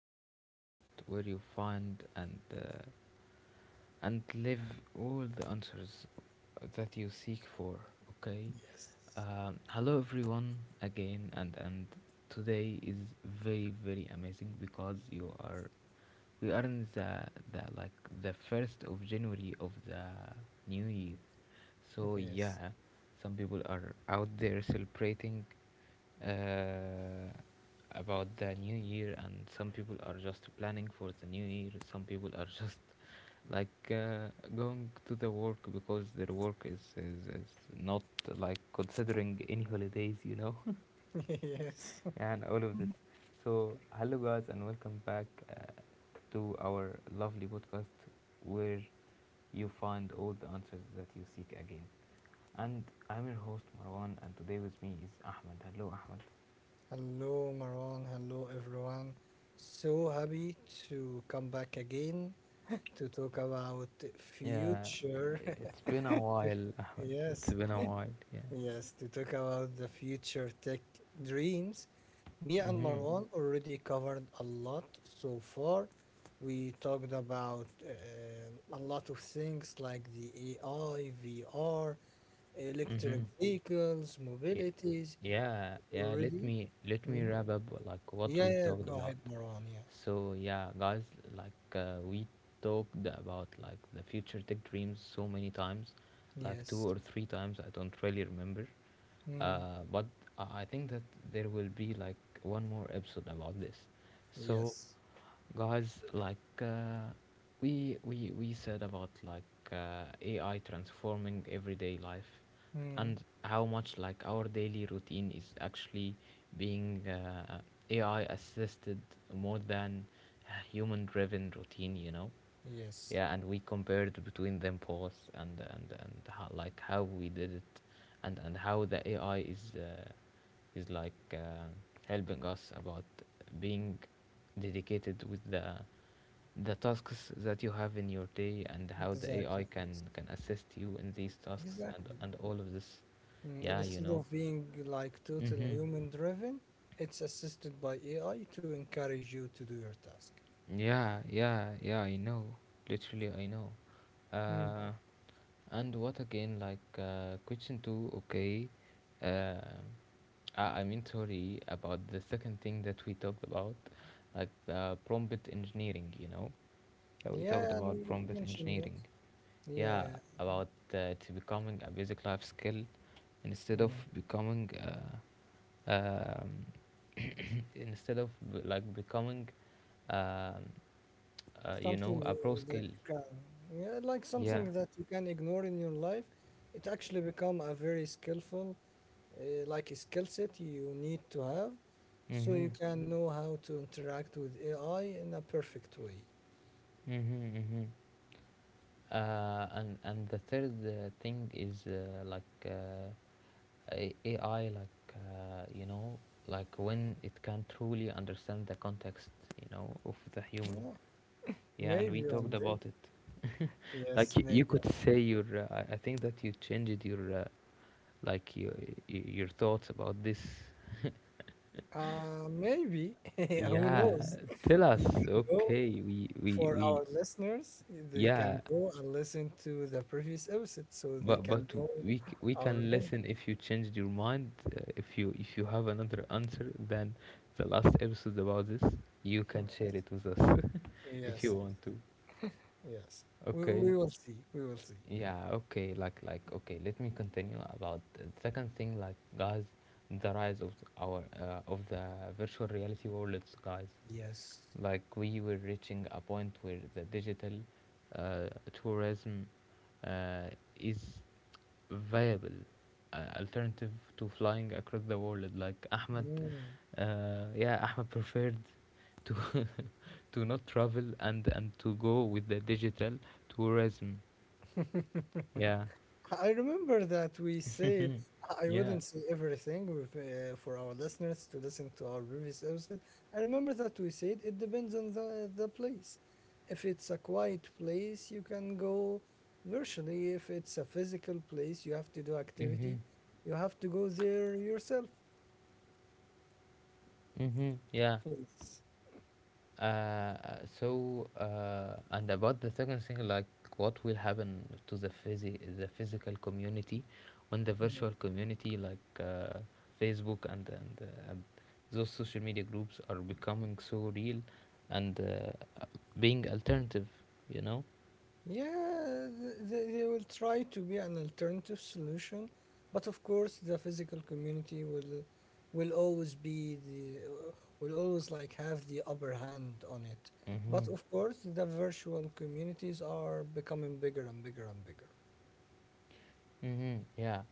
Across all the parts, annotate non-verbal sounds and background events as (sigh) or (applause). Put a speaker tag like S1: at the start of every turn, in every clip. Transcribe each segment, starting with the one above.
S1: to my podcast where you find and live all the answers that you seek for. Okay.
S2: Yes,
S1: Hello everyone again, and today is very amazing because you are we are in the like the first of January of the new year. So
S2: yes,
S1: yeah, some people are out there celebrating uh, about the new year, and some people are just planning for the new year. Some people are (laughs) just like uh, going to the work because their work is not like considering any holidays,
S2: (laughs) yes.
S1: (laughs) and all of this. So hello guys, and welcome back to our lovely podcast where you find all the answers that you seek again. And I'm your host Marwan, and today with me is Ahmed. Hello Ahmed.
S2: Hello, Maron. Hello, everyone. So happy to come back again to talk about
S1: Yeah,
S2: future.
S1: it's
S2: (laughs)
S1: been a while, Ahmed. It's
S2: yes,
S1: been a while. Yeah.
S2: yes, to talk about the future tech dreams. Me and
S1: Mhm.
S2: Marwan already covered a lot so far. We talked about a lot of things like the AI, VR, electric
S1: Mhm.
S2: vehicles,
S1: Y-
S2: mobilities
S1: Yeah, yeah. Let
S2: already.
S1: me let me
S2: Mhm.
S1: wrap up like what we
S2: Yeah,
S1: talked
S2: Go ahead,
S1: about.
S2: Marwan. Yeah.
S1: So yeah, guys, we talked about like the future tech dreams so many times, like two
S2: Yes.
S1: or three times. I don't really remember.
S2: Mm.
S1: But I think that there will be like one more episode about this. So
S2: Yes.
S1: guys, we said about AI transforming everyday life,
S2: Mm.
S1: and how much like our daily routine is actually being AI assisted more than a human driven routine,
S2: Yes.
S1: yeah. And we compared between them posts, and how, like how we did it, and how the AI is is like uh, helping us about being dedicated with the tasks that you have in your day, and how the AI
S2: Exactly.
S1: can
S2: Yes.
S1: can assist you in these tasks
S2: Exactly.
S1: and all of this.
S2: And
S1: yeah you
S2: instead
S1: know
S2: of being like total
S1: mm-hmm.
S2: human driven, it's assisted by AI to encourage you to do your task.
S1: Yeah, I know. Literally, I know.
S2: Mm.
S1: uh and what again, question two. Okay, uh, I mean sorry, about the second thing that we talked about, like the prompt engineering, yeah. We talked
S2: Yeah, I know
S1: about
S2: you've
S1: prompt
S2: mentioned that.
S1: engineering,
S2: Yeah,
S1: yeah.
S2: yeah.
S1: About it's becoming a basic life skill instead of
S2: Mm.
S1: becoming uh, um, (coughs) instead of becoming um, you
S2: Something
S1: know, a pro
S2: that
S1: skill,
S2: you can, Yeah, like
S1: yeah.
S2: something that you can ignore in your life, it actually become a very skillful like a skill set you need to have so
S1: Mm-hmm.
S2: you can know how to interact with AI in a perfect way.
S1: Mm-hmm. Mm-hmm. And the third thing is AI, you know, like when it can truly understand the context, you know, of the human.
S2: Yeah,
S1: Yeah, and we
S2: maybe one
S1: talked
S2: day.
S1: about it. (laughs) Like
S2: Yes,
S1: you
S2: maybe.
S1: could say your, I think that you changed your, like your your thoughts about this. (laughs)
S2: Maybe. (laughs) Who
S1: Yeah,
S2: knows?
S1: tell
S2: You
S1: us.
S2: can go
S1: Okay, we
S2: For our
S1: we.
S2: listeners, they can
S1: Yeah.
S2: go and listen to the previous episode so they
S1: But
S2: can
S1: but
S2: know
S1: we can
S2: our opinion.
S1: listen if you changed your mind, if you have another answer than the last episode about this, you can share it
S2: (laughs)
S1: with us.
S2: Yes,
S1: (laughs) If
S2: yes,
S1: you
S2: yes.
S1: want to.
S2: Yes. We,
S1: Okay.
S2: we will see. We will see.
S1: Yeah, okay, let me continue about the second thing. Like guys, the rise of th- our of the virtual reality worlds, guys,
S2: Yes.
S1: like we were reaching a point where the digital tourism uh, is viable alternative to flying across the world. Like Ahmed, yeah, Ahmed preferred to (laughs) to not travel, and to go with the digital tourism,
S2: Mm.
S1: yeah.
S2: (laughs) I remember that we said
S1: Hmm.
S2: I
S1: Yeah.
S2: wouldn't say everything with, for our listeners to listen to our previous episode. I remember that we said it depends on the place. If it's a quiet place, you can go virtually. If it's a physical place, you have to do
S1: Hmm.
S2: activity. You have to go there yourself.
S1: Hmm. Yeah.
S2: Yes.
S1: Uh, so and about the second thing, like what will happen to the physical community, when the virtual community, Facebook and those social media groups are becoming so real and being alternative, you know.
S2: They will try to be an alternative solution, but of course the physical community will always be the will always like have the upper hand on it.
S1: Mm-hmm.
S2: But of course the virtual communities are becoming bigger and bigger and bigger.
S1: Mm-hmm. Yeah.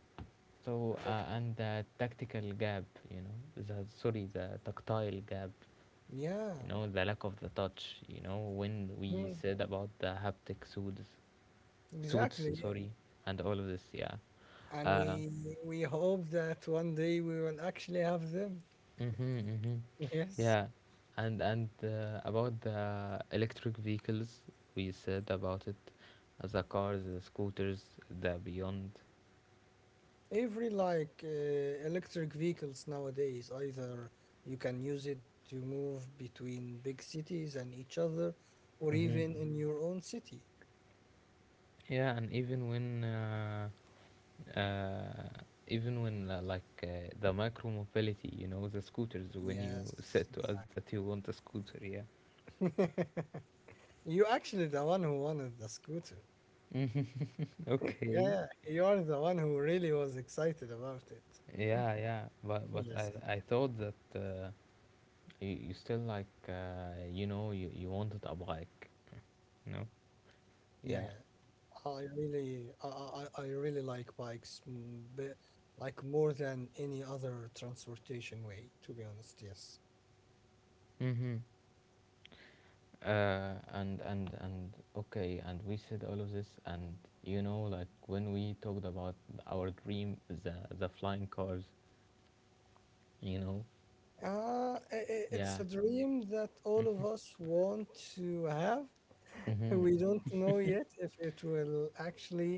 S1: So and the tactical gap, you know, the sorry, the tactile gap,
S2: Yeah,
S1: you know, the lack of the touch, you know, when we
S2: mm,
S1: said about the haptic suits suits,
S2: exactly.
S1: sorry, and all of this, yeah.
S2: And
S1: Uh,
S2: we hope that one day we will actually have them.
S1: mm-hmm, mm-hmm.
S2: (laughs) Yes.
S1: Yeah. And about the electric vehicles, we said about it. The cars, the scooters, the beyond.
S2: Every electric vehicles nowadays, either you can use it to move between big cities and each other, or
S1: Mm-hmm.
S2: even in your own city.
S1: Yeah. And even when uh, uh even when the micro mobility, you know, the scooters, when you
S2: Yes,
S1: said to us that you want a scooter, yeah.
S2: exactly. (laughs) You actually the one who wanted the scooter.
S1: (laughs) Okay.
S2: Yeah, you are the one who really was excited about it.
S1: Yeah, yeah, but
S2: Yes.
S1: I thought that you you still you know, you wanted a bike, you
S2: Yeah,
S1: know?
S2: yeah.
S1: Yeah.
S2: I really, I, I, I really like bikes, mm, but like more than any other transportation way, to be honest. Yes.
S1: Mm-hmm. And okay, and we said all of this, and you know, like when we talked about our dream, the flying cars, you know?
S2: It's
S1: Yeah.
S2: a dream that all of us want to have. (laughs)
S1: Mhm.
S2: We don't know yet if it will actually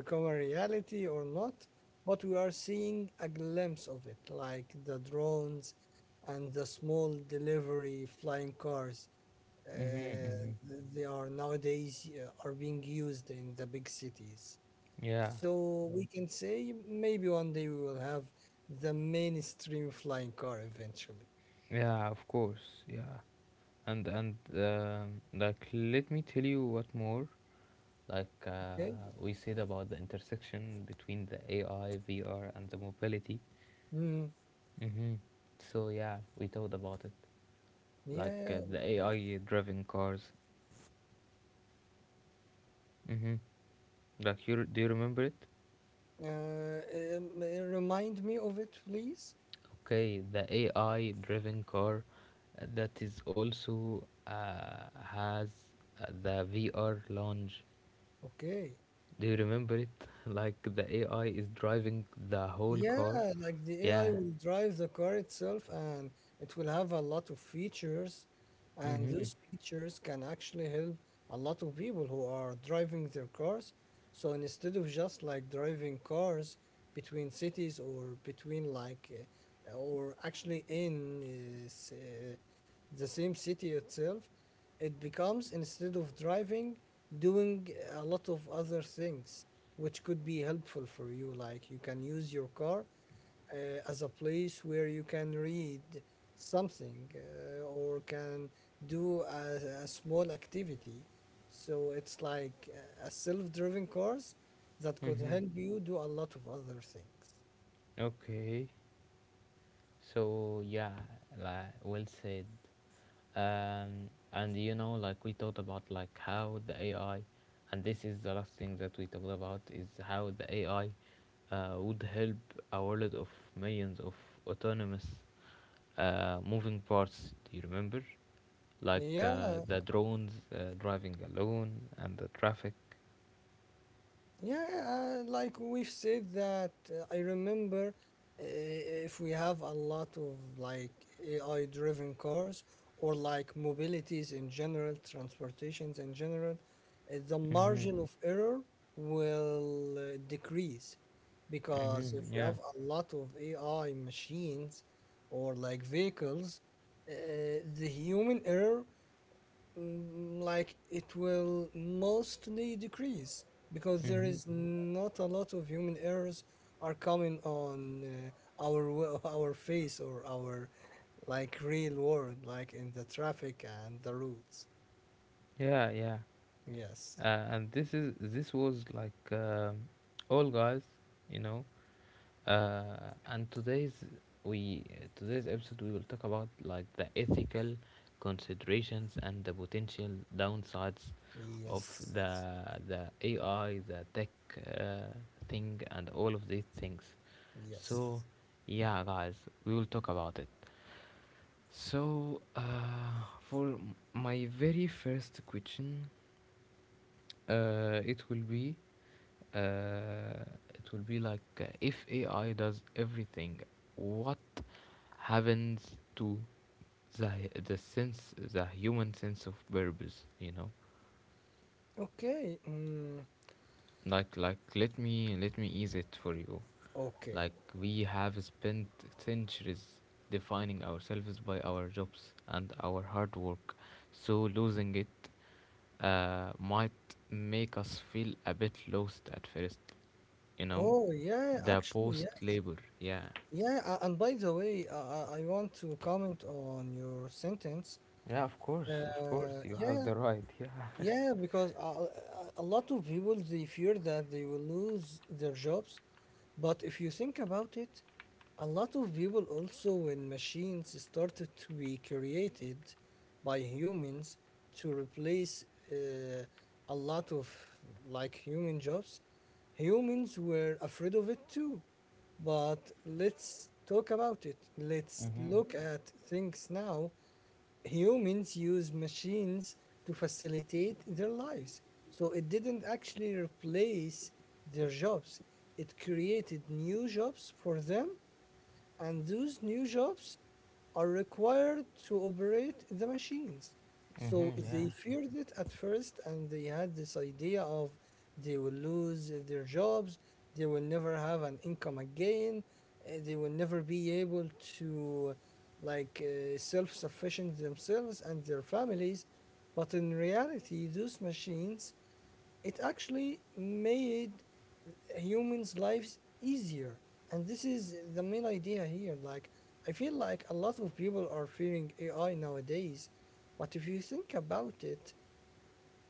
S2: become a reality or not, but we are seeing a glimpse of it, like the drones and the small delivery flying cars.
S1: Mhm.
S2: Uh,
S1: Mhm.
S2: they are nowadays are being used in the big cities.
S1: Yeah.
S2: So we can say maybe one day we will have the mainstream flying car eventually.
S1: Yeah. Of course. Yeah. And like let me tell you what more. Like
S2: Okay.
S1: we said about the intersection between the AI, VR, and the mobility.
S2: Mm.
S1: Mm-hmm. So yeah, we talked about it. Like
S2: Yeah.
S1: the AI driving cars. Mm-hmm. Like you, do you remember it?
S2: Yeah. Remind me of it, please.
S1: Okay, the AI driven car that is also has the VR lounge.
S2: Okay.
S1: Do you remember it? (laughs) Like the AI is driving the whole car.
S2: Yeah, like the AI
S1: Yeah.
S2: will drive the car itself and it will have a lot of features. And
S1: Mm-hmm.
S2: those features can actually help a lot of people who are driving their cars. So instead of just like driving cars between cities or between like, or actually in s- the same city itself, it becomes instead of driving, doing a lot of other things which could be helpful for you. Like you can use your car as a place where you can read something or can do a small activity. So it's like a self-driven cars that could
S1: Mm-hmm.
S2: help you do a lot of other things.
S1: Okay. So yeah, like well said. And you know, like we talked about like how the AI, and this is the last thing that we talked about is how the AI would help a world of millions of autonomous moving parts. Do you remember? Like
S2: Yeah,
S1: the drones driving alone, and the traffic.
S2: Yeah, like we've said that I remember if we have a lot of like AI driven cars or like mobilities in general, transportations in general, the
S1: Mhm.
S2: margin of error will decrease because
S1: Mhm.
S2: if we
S1: Yeah.
S2: have a lot of AI machines or like vehicles, uh, the human error, mm, like it will mostly decrease because there
S1: Mhm.
S2: is not a lot of human errors are coming on (laughs) our face or our like real world like in the traffic and the roads.
S1: Yeah. Yeah.
S2: Yes.
S1: And this is this was like all, guys, you know. And we today's episode we will talk about like the ethical considerations and the potential downsides of
S2: Yes.
S1: the AI, the tech uh, thing, and all of these things. So
S2: Yes.
S1: yeah, guys, we will talk about it. So for my very first question, uh, it will be uh, it will be like, if AI does everything, what happens to the the human sense of purpose? You know,
S2: Okay.
S1: let me ease it for you.
S2: Okay.
S1: Like we have spent centuries defining ourselves by our jobs and our hard work, so losing it might make us feel a bit lost at first. You know,
S2: Oh yeah
S1: the
S2: Actually,
S1: post
S2: yes.
S1: labor, yeah.
S2: Yeah, and by the way, I want to comment on your sentence.
S1: Yeah,
S2: uh,
S1: of course, you
S2: yeah
S1: have the right. Yeah.
S2: Yeah, because a lot of people they fear that they will lose their jobs, but if you think about it, a lot of people also when machines started to be created by humans to replace uh, a lot of like human jobs, humans were afraid of it too. But let's talk about it. Let's
S1: Mhm.
S2: look at things now. Humans use machines to facilitate their lives. So it didn't actually replace their jobs, it created new jobs for them and those new jobs are required to operate the machines. So
S1: Mhm. Yeah.
S2: they feared it at first, and they had this idea of they will lose their jobs, they will never have an income again, they will never be able to like self-sufficient themselves and their families. But in reality, those machines it actually made humans' lives easier. And this is the main idea here. Like, I feel like a lot of people are fearing AI nowadays, but if you think about it,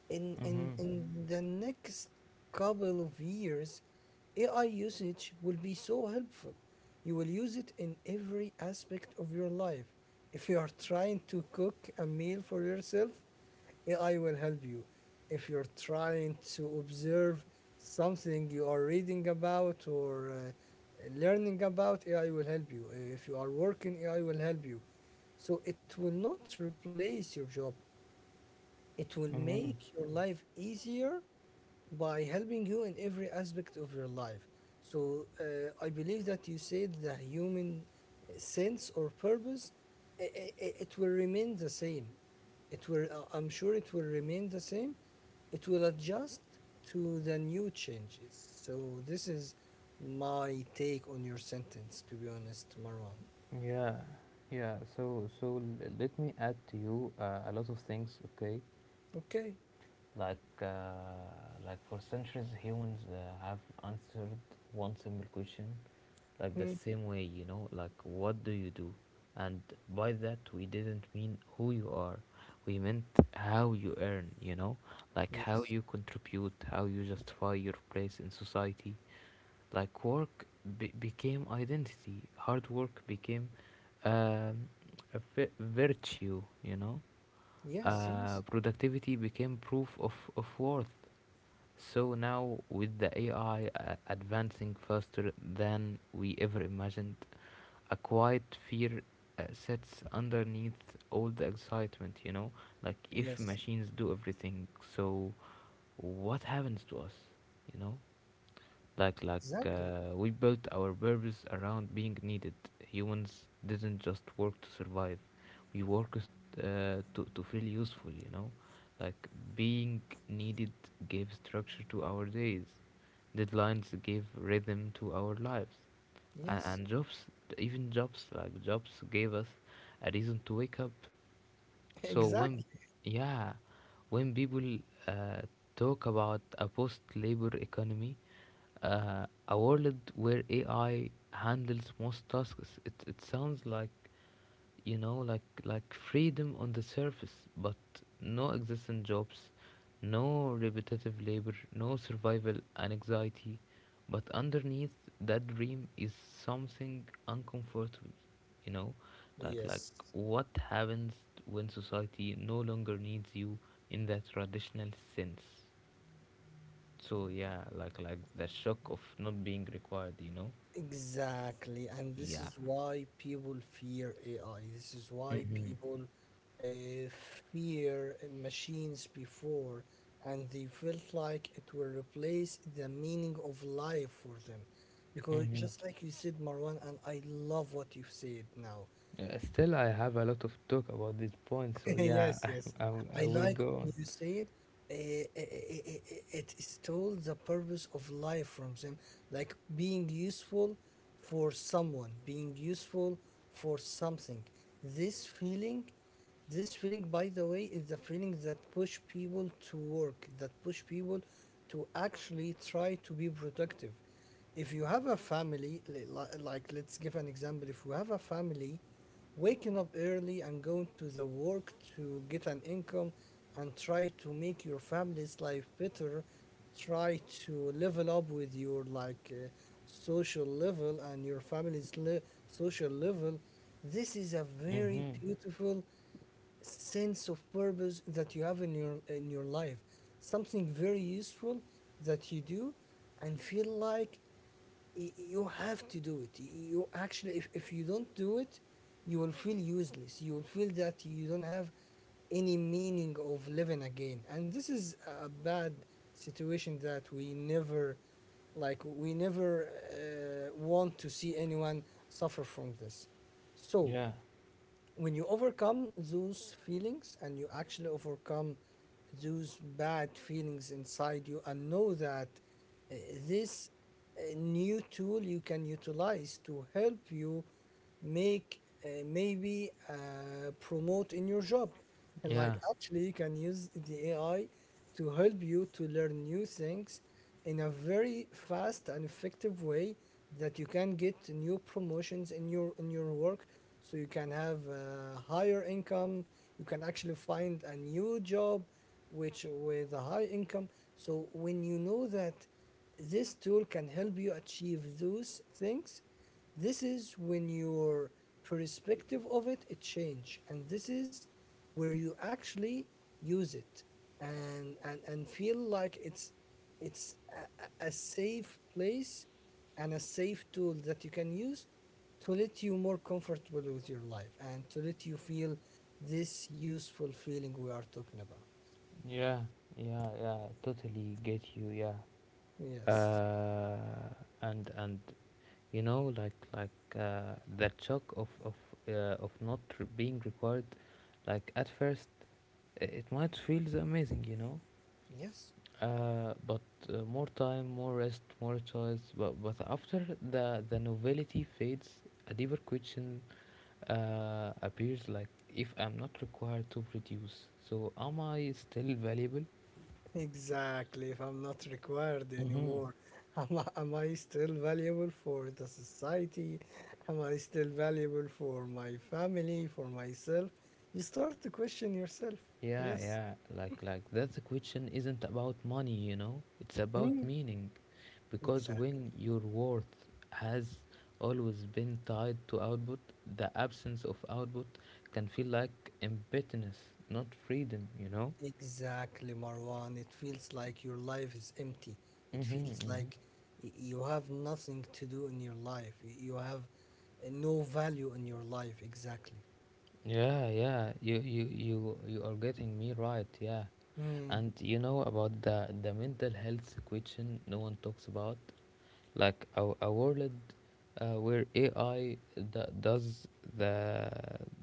S2: in in
S1: Mhm.
S2: in the next couple of years AI usage will be so helpful. You will use it in every aspect of your life. If you are trying to cook a meal for yourself, AI will help you. If you're trying to observe something you are reading about or learning about, AI will help you. If you are working, AI will help you. So it will not replace your job, it will
S1: Mhm.
S2: make your life easier by helping you in every aspect of your life. So I believe that you said the human sense or purpose, it will remain the same. I'm sure it will remain the same. It will adjust to the new changes. So this is my take on your sentence, to be honest, Marwan.
S1: Yeah. Yeah. So, so let me add to you a lot of things. Okay.
S2: Okay.
S1: Like, uh, like for centuries, humans have answered one simple question, like the
S2: Mm.
S1: same way, you know, like what do you do? And by that, we didn't mean who you are. We meant how you earn, you know, like how
S2: Yes.
S1: you contribute, how you justify your place in society, like work became identity, hard work became um, a virtue, you know.
S2: Yes, yes.
S1: Productivity became proof of worth. So now, with the AI advancing faster than we ever imagined, a quiet fear sits underneath all the excitement, you know? Like, if
S2: Yes,
S1: machines do everything, so what happens to us, you know?
S2: exactly.
S1: We built our purpose around being needed. Humans didn't just work to survive. We worked to feel useful, you know? Like being needed gave structure to our days. Deadlines gave rhythm to our lives. And,
S2: Yes.
S1: and jobs, Even jobs, like jobs gave us a reason to wake up. So when,
S2: Exactly.
S1: yeah, when people uh, talk about a post-labor economy, a world where AI handles most tasks, it sounds like, you know, like freedom on the surface, but no existing jobs, no repetitive labor, no survival anxiety. But underneath that dream is something uncomfortable, you know? like like
S2: Yes.
S1: what happens when society no longer needs you in that traditional sense? So yeah, the shock of not being required, you know?
S2: Exactly. And this
S1: Yeah.
S2: is why people fear AI. This is why
S1: Mm-hmm.
S2: people uh, fear machines before, and they felt like it will replace the meaning of life for them. Because
S1: Mm-hmm.
S2: just like you said, Marwan, and I love what you said now,
S1: Yeah, still, I have a lot of talk about this point, so
S2: (laughs)
S1: yeah,
S2: yes,
S1: (laughs)
S2: yes.
S1: I
S2: I
S1: will
S2: like
S1: go on.
S2: when you said it stole the purpose of life from them, like being useful for someone, being useful for something. This feeling, this feeling, by the way, is the feeling that push people to work, that push people to actually try to be productive. If you have a family, li- li- Like let's give an example, if you have a family, waking up early and going to the work to get an income and try to make your family's life better, try to level up with your social level and your social level, this is a very
S1: Mm-hmm.
S2: beautiful sense of purpose that you have in your life. Something very useful that you do and feel like you have to do it. You actually, if you don't do it, you will feel useless. You will feel that you don't have any meaning of living again. And this is a bad situation that we never want to see anyone suffer from this. So,
S1: Yeah,
S2: when you overcome those feelings and you actually overcome those bad feelings inside you and know that uh, this new tool you can utilize to help you make maybe promote in your job and
S1: yeah,
S2: like actually, you can use the AI to help you to learn new things in a very fast and effective way that you can get new promotions in your work, so you can have a higher income, you can actually find a new job which with a high income. So when you know that this tool can help you achieve those things, this is when your perspective of it change, and this is where you actually use it and feel like it's a safe place and a safe tool that you can use to let you more comfortable with your life and to let you feel this useful feeling we are talking about.
S1: yeah, yeah. Totally get you. Yeah.
S2: Yes.
S1: Uh, and you know, that shock of not re- being required, like at first, it might feel amazing, you know.
S2: Yes.
S1: But More time, more rest, more choice. But after the novelty fades, a deeper question appears, like if I'm not required to produce, so am I still valuable?
S2: Exactly. If I'm not required
S1: Mm-hmm.
S2: anymore, am I still valuable for the society? Am I still valuable for my family, for myself? You start to question yourself.
S1: Yeah,
S2: Yes.
S1: yeah, that's the question isn't about money, you know? It's about
S2: Mm.
S1: meaning, because
S2: Exactly.
S1: when your worth has always been tied to output, the absence of output can feel like emptiness, not freedom, you know?
S2: Exactly, Marwan. It feels like your life is empty. It
S1: Mm-hmm.
S2: feels
S1: Mm-hmm.
S2: like you have nothing to do in your life. You have no value in your life. Exactly.
S1: Yeah, yeah, you are getting me right. Yeah,
S2: Mm.
S1: and you know about the mental health question no one talks about, like a world where AI does the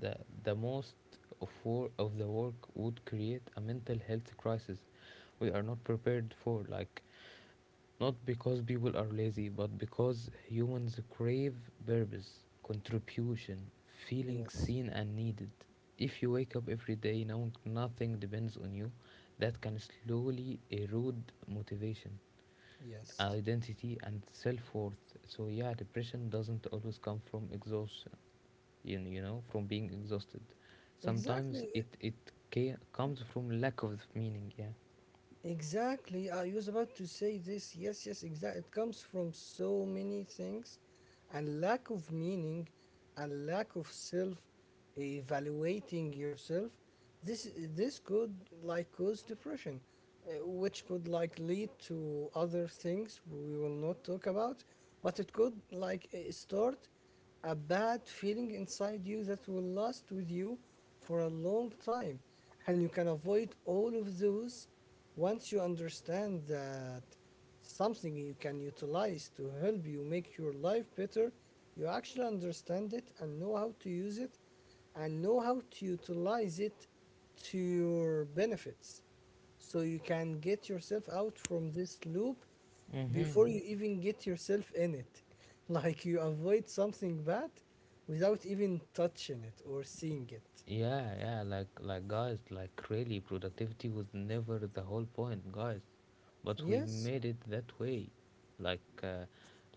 S1: the the most of wor- of the work would create a mental health crisis we are not prepared for. Like not because people are lazy, but because humans crave purpose, contribution, feeling
S2: Yes.
S1: seen and needed. If you wake up every day knowing nothing depends on you, that can slowly erode motivation,
S2: Yes.
S1: identity, and self worth. So, yeah, depression doesn't always come from exhaustion, from being exhausted. Sometimes
S2: Exactly.
S1: it comes from lack of meaning, yeah.
S2: Exactly. I was about to say this. Yes, yes, exactly. It comes from so many things and lack of meaning and lack of self evaluating yourself. This this could like cause depression, which could like lead to other things we will not talk about, but it could like start a bad feeling inside you that will last with you for a long time, and you can avoid all of those once you understand that something you can utilize to help you make your life better, you actually understand it and know how to use it and know how to utilize it to your benefits. So you can get yourself out from this loop
S1: Mm-hmm.
S2: before you even get yourself in it. (laughs) Like you avoid something bad without even touching it or seeing it.
S1: Yeah, yeah, like guys, like really productivity was never the whole point, guys. But we
S2: Yes?
S1: made it that way. Like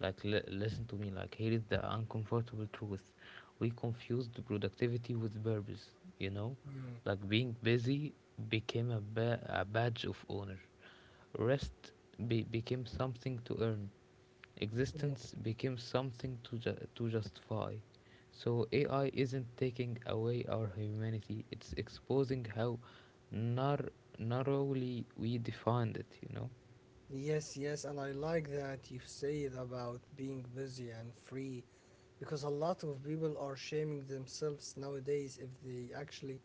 S1: listen to me, like here is the uncomfortable truth. We confused productivity with purpose, you know?
S2: Mm.
S1: Like being busy became a badge of honor. Rest became something to earn. Existence became something to to justify. So AI isn't taking away our humanity, it's exposing how nar- narrowly we defined it, you know?
S2: Yes, yes, and I like that you said about being busy and free, because a lot of people are shaming themselves nowadays if they actually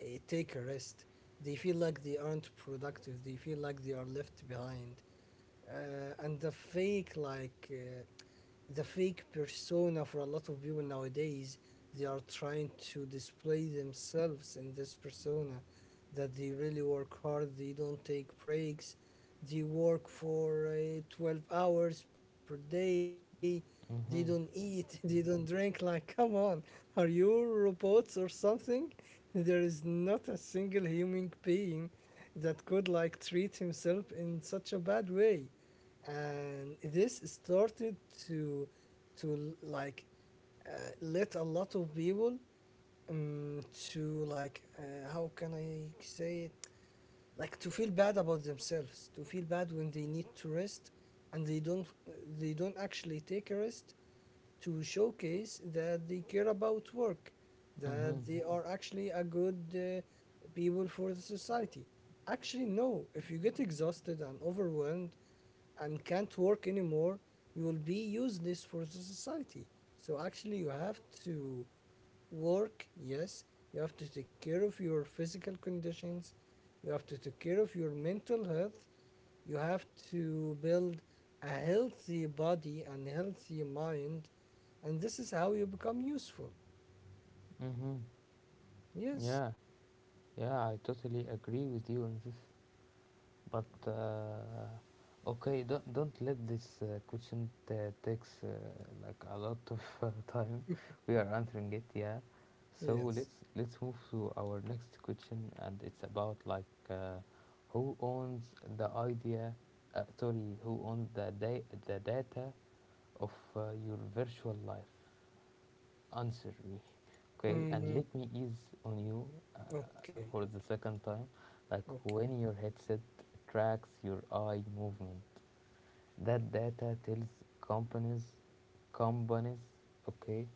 S2: take a rest. They feel like they aren't productive, they feel like they are left behind. And the fake, like, the fake persona for a lot of people nowadays, they are trying to display themselves in this persona that they really work hard, they don't take breaks, they work for 12 hours per day, they don't eat (laughs)
S1: Mm-hmm,
S2: they don't drink, like come on, are you robots or something? There is not a single human being that could like treat himself in such a bad way, and this started to to uh, let a lot of people um, to like how can I say it, like to feel bad about themselves, to feel bad when they need to rest and they don't, they don't actually take a rest, to showcase that they care about work,
S1: mm-hmm,
S2: that they are actually a good people for the society. Actually, no, if you get exhausted and overwhelmed and can't work anymore, you will be useless for the society. So, actually, you have to work, yes, you have to take care of your physical conditions, you have to take care of your mental health, you have to build a healthy body and healthy mind, and this is how you become useful.
S1: mm-hmm.
S2: Yes,
S1: Yeah, yeah, I totally agree with you on this. But okay, don't let this question takes like a lot of (laughs) time. We are answering it, yeah. So
S2: yes.
S1: let's move to our next question, and it's about like who owns the idea, sorry, who owns the data of your virtual life? Answer me. Okay, and
S2: Mm,
S1: let me ease on you, uh,
S2: okay,
S1: for the second time, like
S2: okay.
S1: when your headset tracks your eye movement, that data tells companies companies okay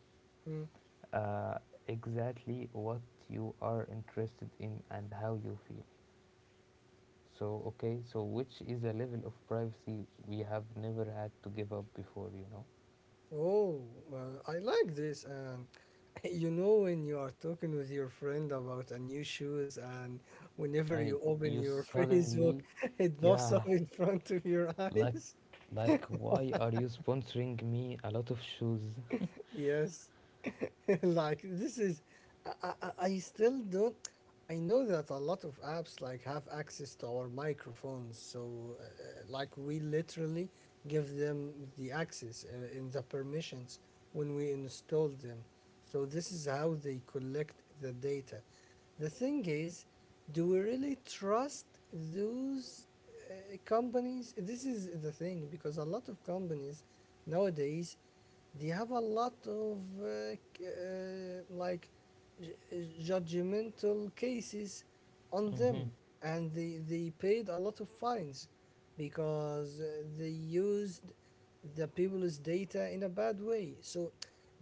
S2: Mm.
S1: uh, exactly what you are interested in and how you feel. So okay, so which is a level of privacy we have never had to give up before, you know?
S2: Oh, I like this. And (laughs) you know, when you are talking with your friend about a new shoes, and whenever
S1: I
S2: you open
S1: You
S2: your (laughs) Facebook,
S1: suddenly,
S2: it pops up
S1: yeah.
S2: in front of your (laughs)
S1: Like,
S2: eyes.
S1: like, why are you sponsoring me a lot of shoes?
S2: Yes. (laughs) Like this is, I I still don't, I know that a lot of apps like have access to our microphones, so like we literally give them the access in the permissions when we install them. So this is how they collect the data. The thing is, do we really trust those companies? This is the thing, because a lot of companies nowadays they have a lot of like j- judgmental cases on
S1: Mm-hmm,
S2: them, and they paid a lot of fines because they used the people's data in a bad way. So,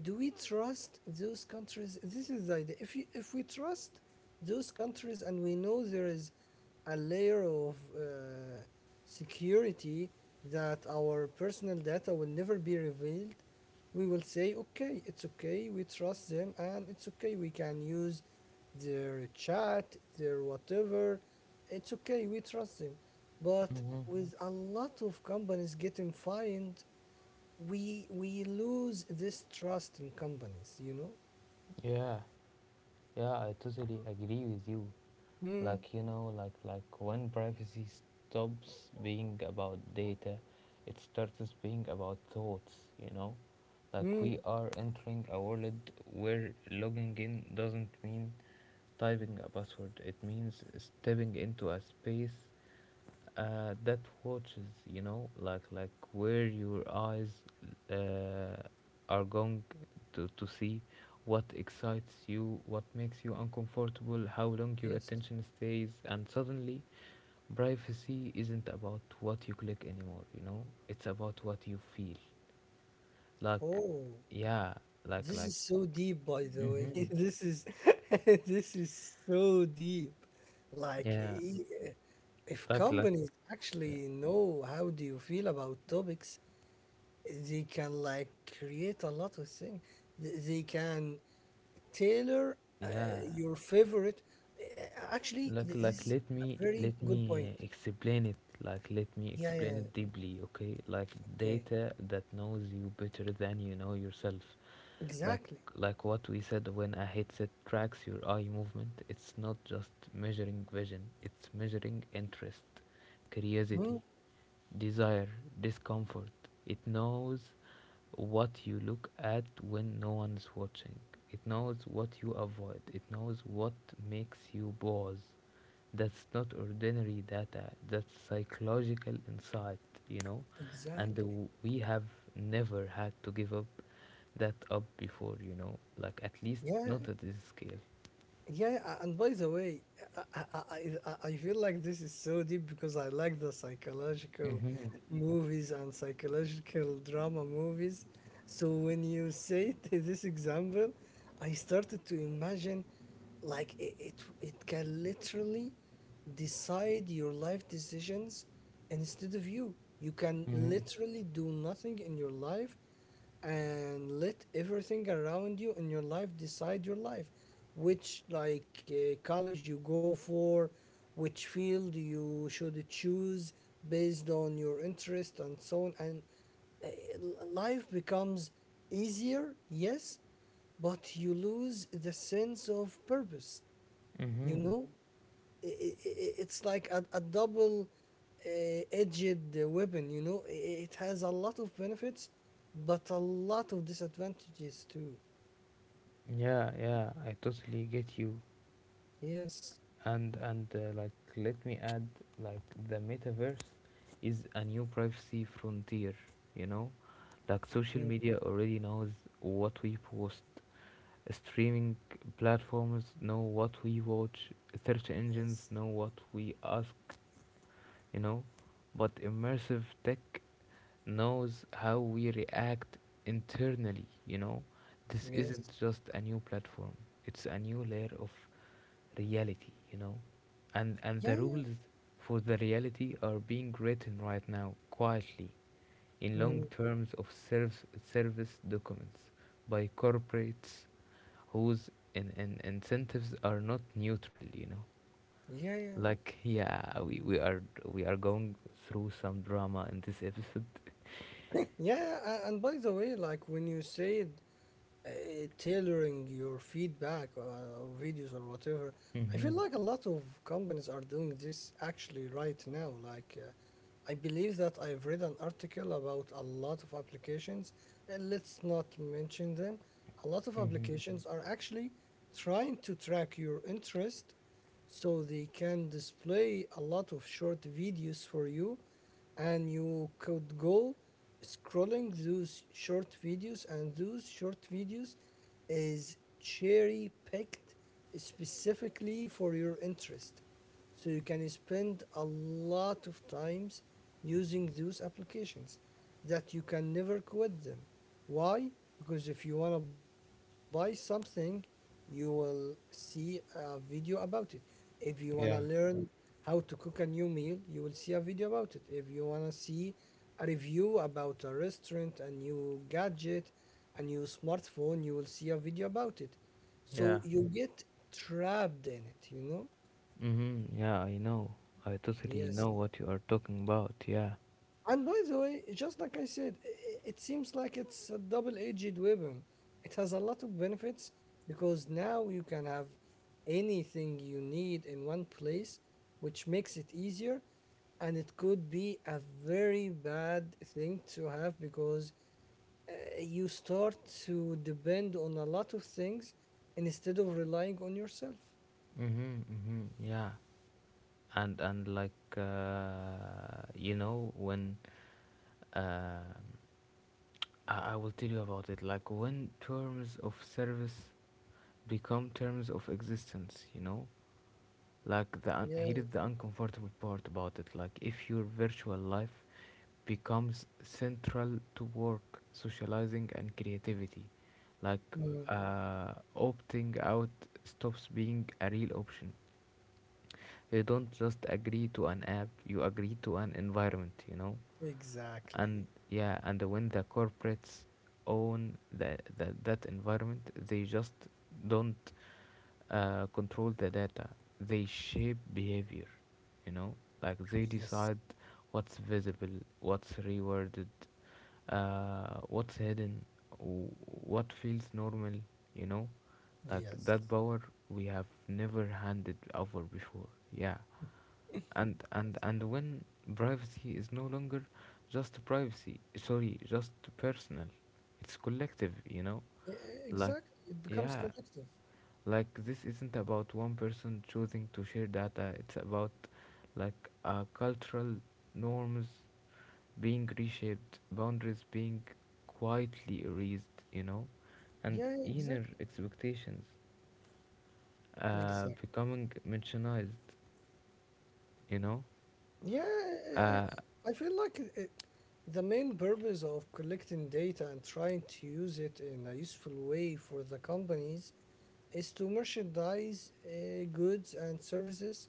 S2: do we trust those countries? This is the idea. If you, if we trust those countries and we know there is a layer of security that our personal data will never be revealed, we will say, okay, it's okay, we trust them, and it's okay, we can use their chat, their whatever. It's okay, we trust them. But
S1: mm-hmm.
S2: with a lot of companies getting fined, we lose this trust in companies, you know?
S1: Yeah, yeah, I totally agree with you.
S2: Hmm.
S1: Like, you know, like when privacy stops being about data, it starts being about thoughts, you know? Like,
S2: Hmm.
S1: we are entering a world where logging in doesn't mean typing a password, it means stepping into a space that watches, you know, like where your eyes uh, are going to see what excites you, what makes you uncomfortable, how long your
S2: Yes.
S1: attention stays. And suddenly privacy isn't about what you click anymore, you know, it's about what you feel, like,
S2: Oh.
S1: yeah, like
S2: This
S1: like
S2: is so deep, by the way. (laughs) This is (laughs) this is so deep. Like,
S1: yeah
S2: if
S1: like like
S2: companies actually know how do you feel about topics, they can like create a lot of things. They can tailor
S1: yeah
S2: uh, your favorite. Actually, this is
S1: let
S2: a
S1: me
S2: very good point.
S1: explain it, like let me
S2: Yeah, yeah,
S1: explain
S2: yeah.
S1: it deeply, okay? Like
S2: Okay.
S1: data that knows you better than you know yourself. like
S2: Exactly.
S1: like what we said, when a headset tracks your eye movement, it's not just measuring vision, it's measuring interest, curiosity,
S2: Mm,
S1: desire, discomfort. It knows what you look at when no one's watching. It knows what you avoid. It knows what makes you pause. That's not ordinary data, that's psychological insight, you know. And
S2: exactly.
S1: we have never had to give up that up before, you know, like at least
S2: Yeah.
S1: not at this scale.
S2: Yeah, yeah, and by the way, I feel like this is so deep because I like the psychological
S1: Mhm,
S2: movies and psychological drama movies. So when you say (laughs) this example, I started to imagine like it it can literally decide your life decisions instead of you. You can
S1: mhm,
S2: literally do nothing in your life and let everything around you in your life decide your life, which like college you go for, which field you should choose based on your interest and so on. And uh, life becomes easier, yes, but you lose the sense of purpose, you
S1: mhm.
S2: know. i- i- it's like a double edged weapon, you know. It has a lot of benefits but a lot of disadvantages too.
S1: Yeah, yeah, I totally get you.
S2: Yes.
S1: And like let me add, like the metaverse is a new privacy frontier, you know? Like social
S2: Mm,
S1: media already knows what we post. Streaming platforms know what we watch. Search engines
S2: yes,
S1: know what we ask, you know. But immersive tech knows how we react internally, you know. This
S2: yes,
S1: isn't just a new platform, it's a new layer of reality, you know. And the
S2: yeah, yeah.
S1: rules for the reality are being written right now quietly in long
S2: Mm,
S1: terms of service documents by corporates whose in incentives are not neutral, you know.
S2: yeah, yeah.
S1: Like yeah, we are we are going through some drama in this episode.
S2: (laughs) Yeah, and by the way, like when you said uh, tailoring your feedback or videos or whatever. I feel
S1: Mm-hmm.
S2: like a lot of companies are doing this actually right now. Like, I believe that I've read an article about a lot of applications, and let's not mention them. A lot of
S1: Mm-hmm.
S2: applications are actually trying to track your interest so they can display a lot of short videos for you, and you could go scrolling those short videos, and those short videos is cherry picked specifically for your interest, so you can spend a lot of times using those applications that you can never quit them. Why? Because if you want to buy something, you will see a video about it. If you want to
S1: Yeah.
S2: learn how to cook a new meal, you will see a video about it. If you want to see a review about a restaurant, a new gadget, a new smartphone, you will see a video about it. So
S1: Yeah.
S2: you get trapped in it, you know?
S1: Mm-hmm, yeah, I know I totally
S2: Yes.
S1: know what you are talking about, yeah.
S2: And by the way, just like I said, it seems like it's a double edged weapon. It has a lot of benefits because now you can have anything you need in one place, which makes it easier. And it could be a very bad thing to have because uh, you start to depend on a lot of things instead of relying on yourself.
S1: Mm-hmm. Mm-hmm. Yeah. And like you know, when uh, I will tell you about it, like when terms of service become terms of existence, you know, like
S2: Yeah,
S1: here is the uncomfortable part about it. Like if your virtual life becomes central to work, socializing, and creativity. Like
S2: mm,
S1: opting out stops being a real option. You don't just agree to an app, you agree to an environment, you know?
S2: exactly.
S1: And yeah, and when the corporates own the that environment, they just don't control the data, they shape behavior, you know. Like they
S2: Yes,
S1: decide what's visible, what's rewarded, what's hidden, what feels normal, you know. Like
S2: yes.
S1: that power we have never handed over before, yeah.
S2: (laughs)
S1: And and when privacy is no longer just privacy, sorry, just personal, it's collective, you know. Like
S2: Exactly. It becomes
S1: yeah,
S2: collective.
S1: like this isn't about one person choosing to share data, it's about like cultural norms being reshaped, boundaries being quietly erased, you know, and
S2: Yeah,
S1: inner
S2: exactly.
S1: expectations
S2: Exactly.
S1: becoming marginalized, you know.
S2: Yeah,
S1: Uh,
S2: I feel like the main purpose of collecting data and trying to use it in a useful way for the companies is to merchandise goods and services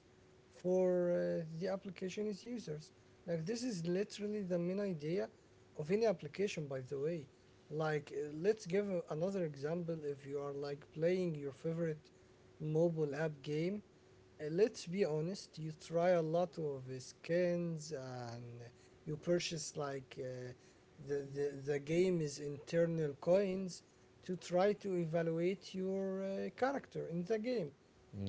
S2: for the application's users. Like this is literally the main idea of any application, by the way. Like let's give another example. If you are like playing your favorite mobile app game, let's be honest, you try a lot of skins, and you purchase like the game is internal coins to try to evaluate your character in the game.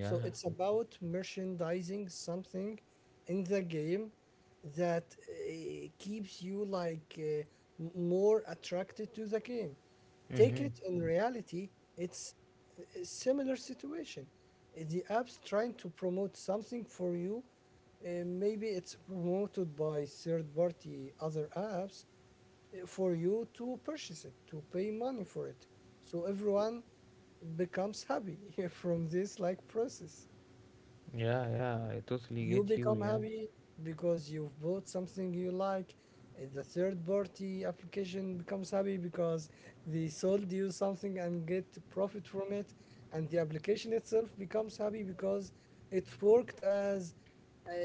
S2: So it's about merchandising something in the game that keeps you like more attracted to the game. Take
S1: Mm-hmm.
S2: it in reality, it's a similar situation. The app's trying to promote something for you, maybe it's promoted by third party other apps for you to purchase it, to pay money for it, so everyone becomes happy (laughs) from this like process.
S1: Yeah, yeah, I totally
S2: You
S1: get you.
S2: become
S1: Yeah.
S2: happy because you've bought something you like. The third party application becomes happy because they sold you something and get profit from it. And the application itself becomes happy because it worked as uh, uh,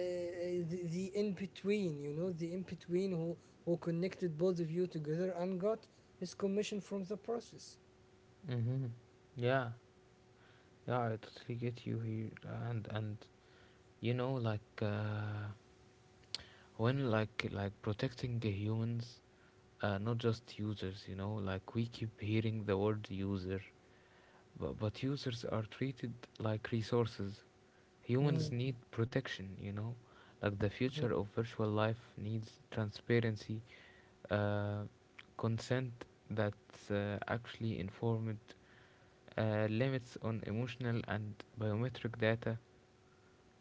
S2: the in between, you know, the in between who connected both of you together and got his commission from the process.
S1: Mm-hmm. Yeah, yeah, I totally get you here. And you know, like when protecting the humans, not just users. You know, like we keep hearing the word user, but users are treated like resources. Humans
S2: Mm,
S1: need protection. You know, like the future of virtual life needs transparency, uh, consent that's actually informed, limits on emotional and biometric data,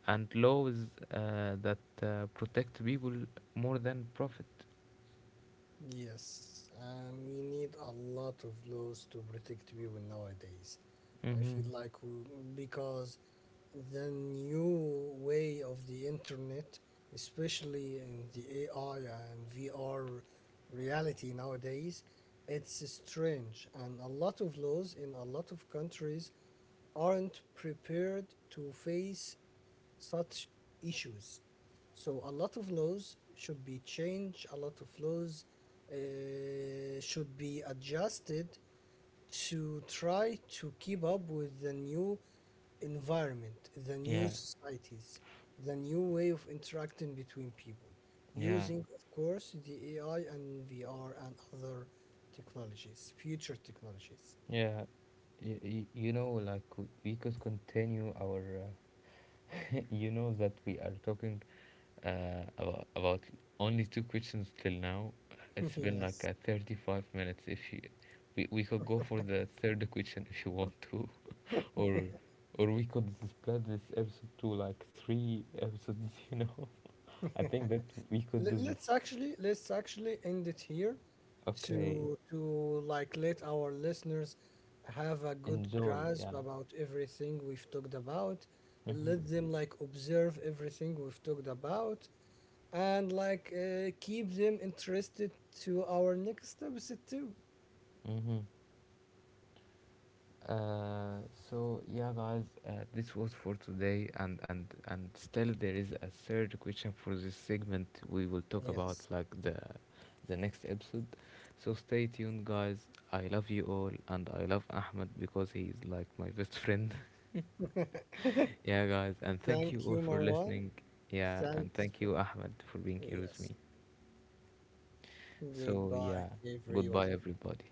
S1: and laws that protect people more than profit.
S2: yes, and we need a lot of laws to protect people nowadays. I
S1: Mm-hmm.
S2: feel like we, because the new way of the internet, especially in the AI and VR reality nowadays, it's strange. And a lot of laws in a lot of countries aren't prepared to face such issues. So a lot of laws should be changed, a lot of laws should be adjusted to try to keep up with the new environment, the new
S1: Yeah,
S2: societies, the new way of interacting between people,
S1: yeah,
S2: using, of course, the AI and VR and other technologies, future technologies.
S1: yeah. You know, like we could continue our (laughs) you know that we are talking about only two questions till now.
S2: (laughs)
S1: It's been
S2: Yes.
S1: like 35 minutes. If you, we could go for the third question if you want to, (laughs) or or we could split this episode to like three episodes. (laughs) You know, I think that we could do this.
S2: Let's actually, let's actually end it here
S1: Okay,
S2: to like let our listeners have a good
S1: enjoy.
S2: grasp
S1: Yeah.
S2: about everything we've talked about, and
S1: Mm-hmm,
S2: let them like observe everything we've talked about, and like keep them interested to our next episode too.
S1: mm-hmm. Uh, so yeah, guys, this was for today, and still there is a third question for this segment. We will talk about
S2: Yes,
S1: like the next episode. So stay tuned, guys. I love you all, and I love Ahmed because he is like my best friend. (laughs) Yeah, guys, and
S2: thank
S1: thank you
S2: you,
S1: all for
S2: Marwan.
S1: listening. Yeah,
S2: thanks
S1: and thank
S2: for-
S1: you, Ahmed, for being here with
S2: yes,
S1: me. So
S2: goodbye
S1: yeah,
S2: everyone.
S1: goodbye, everybody.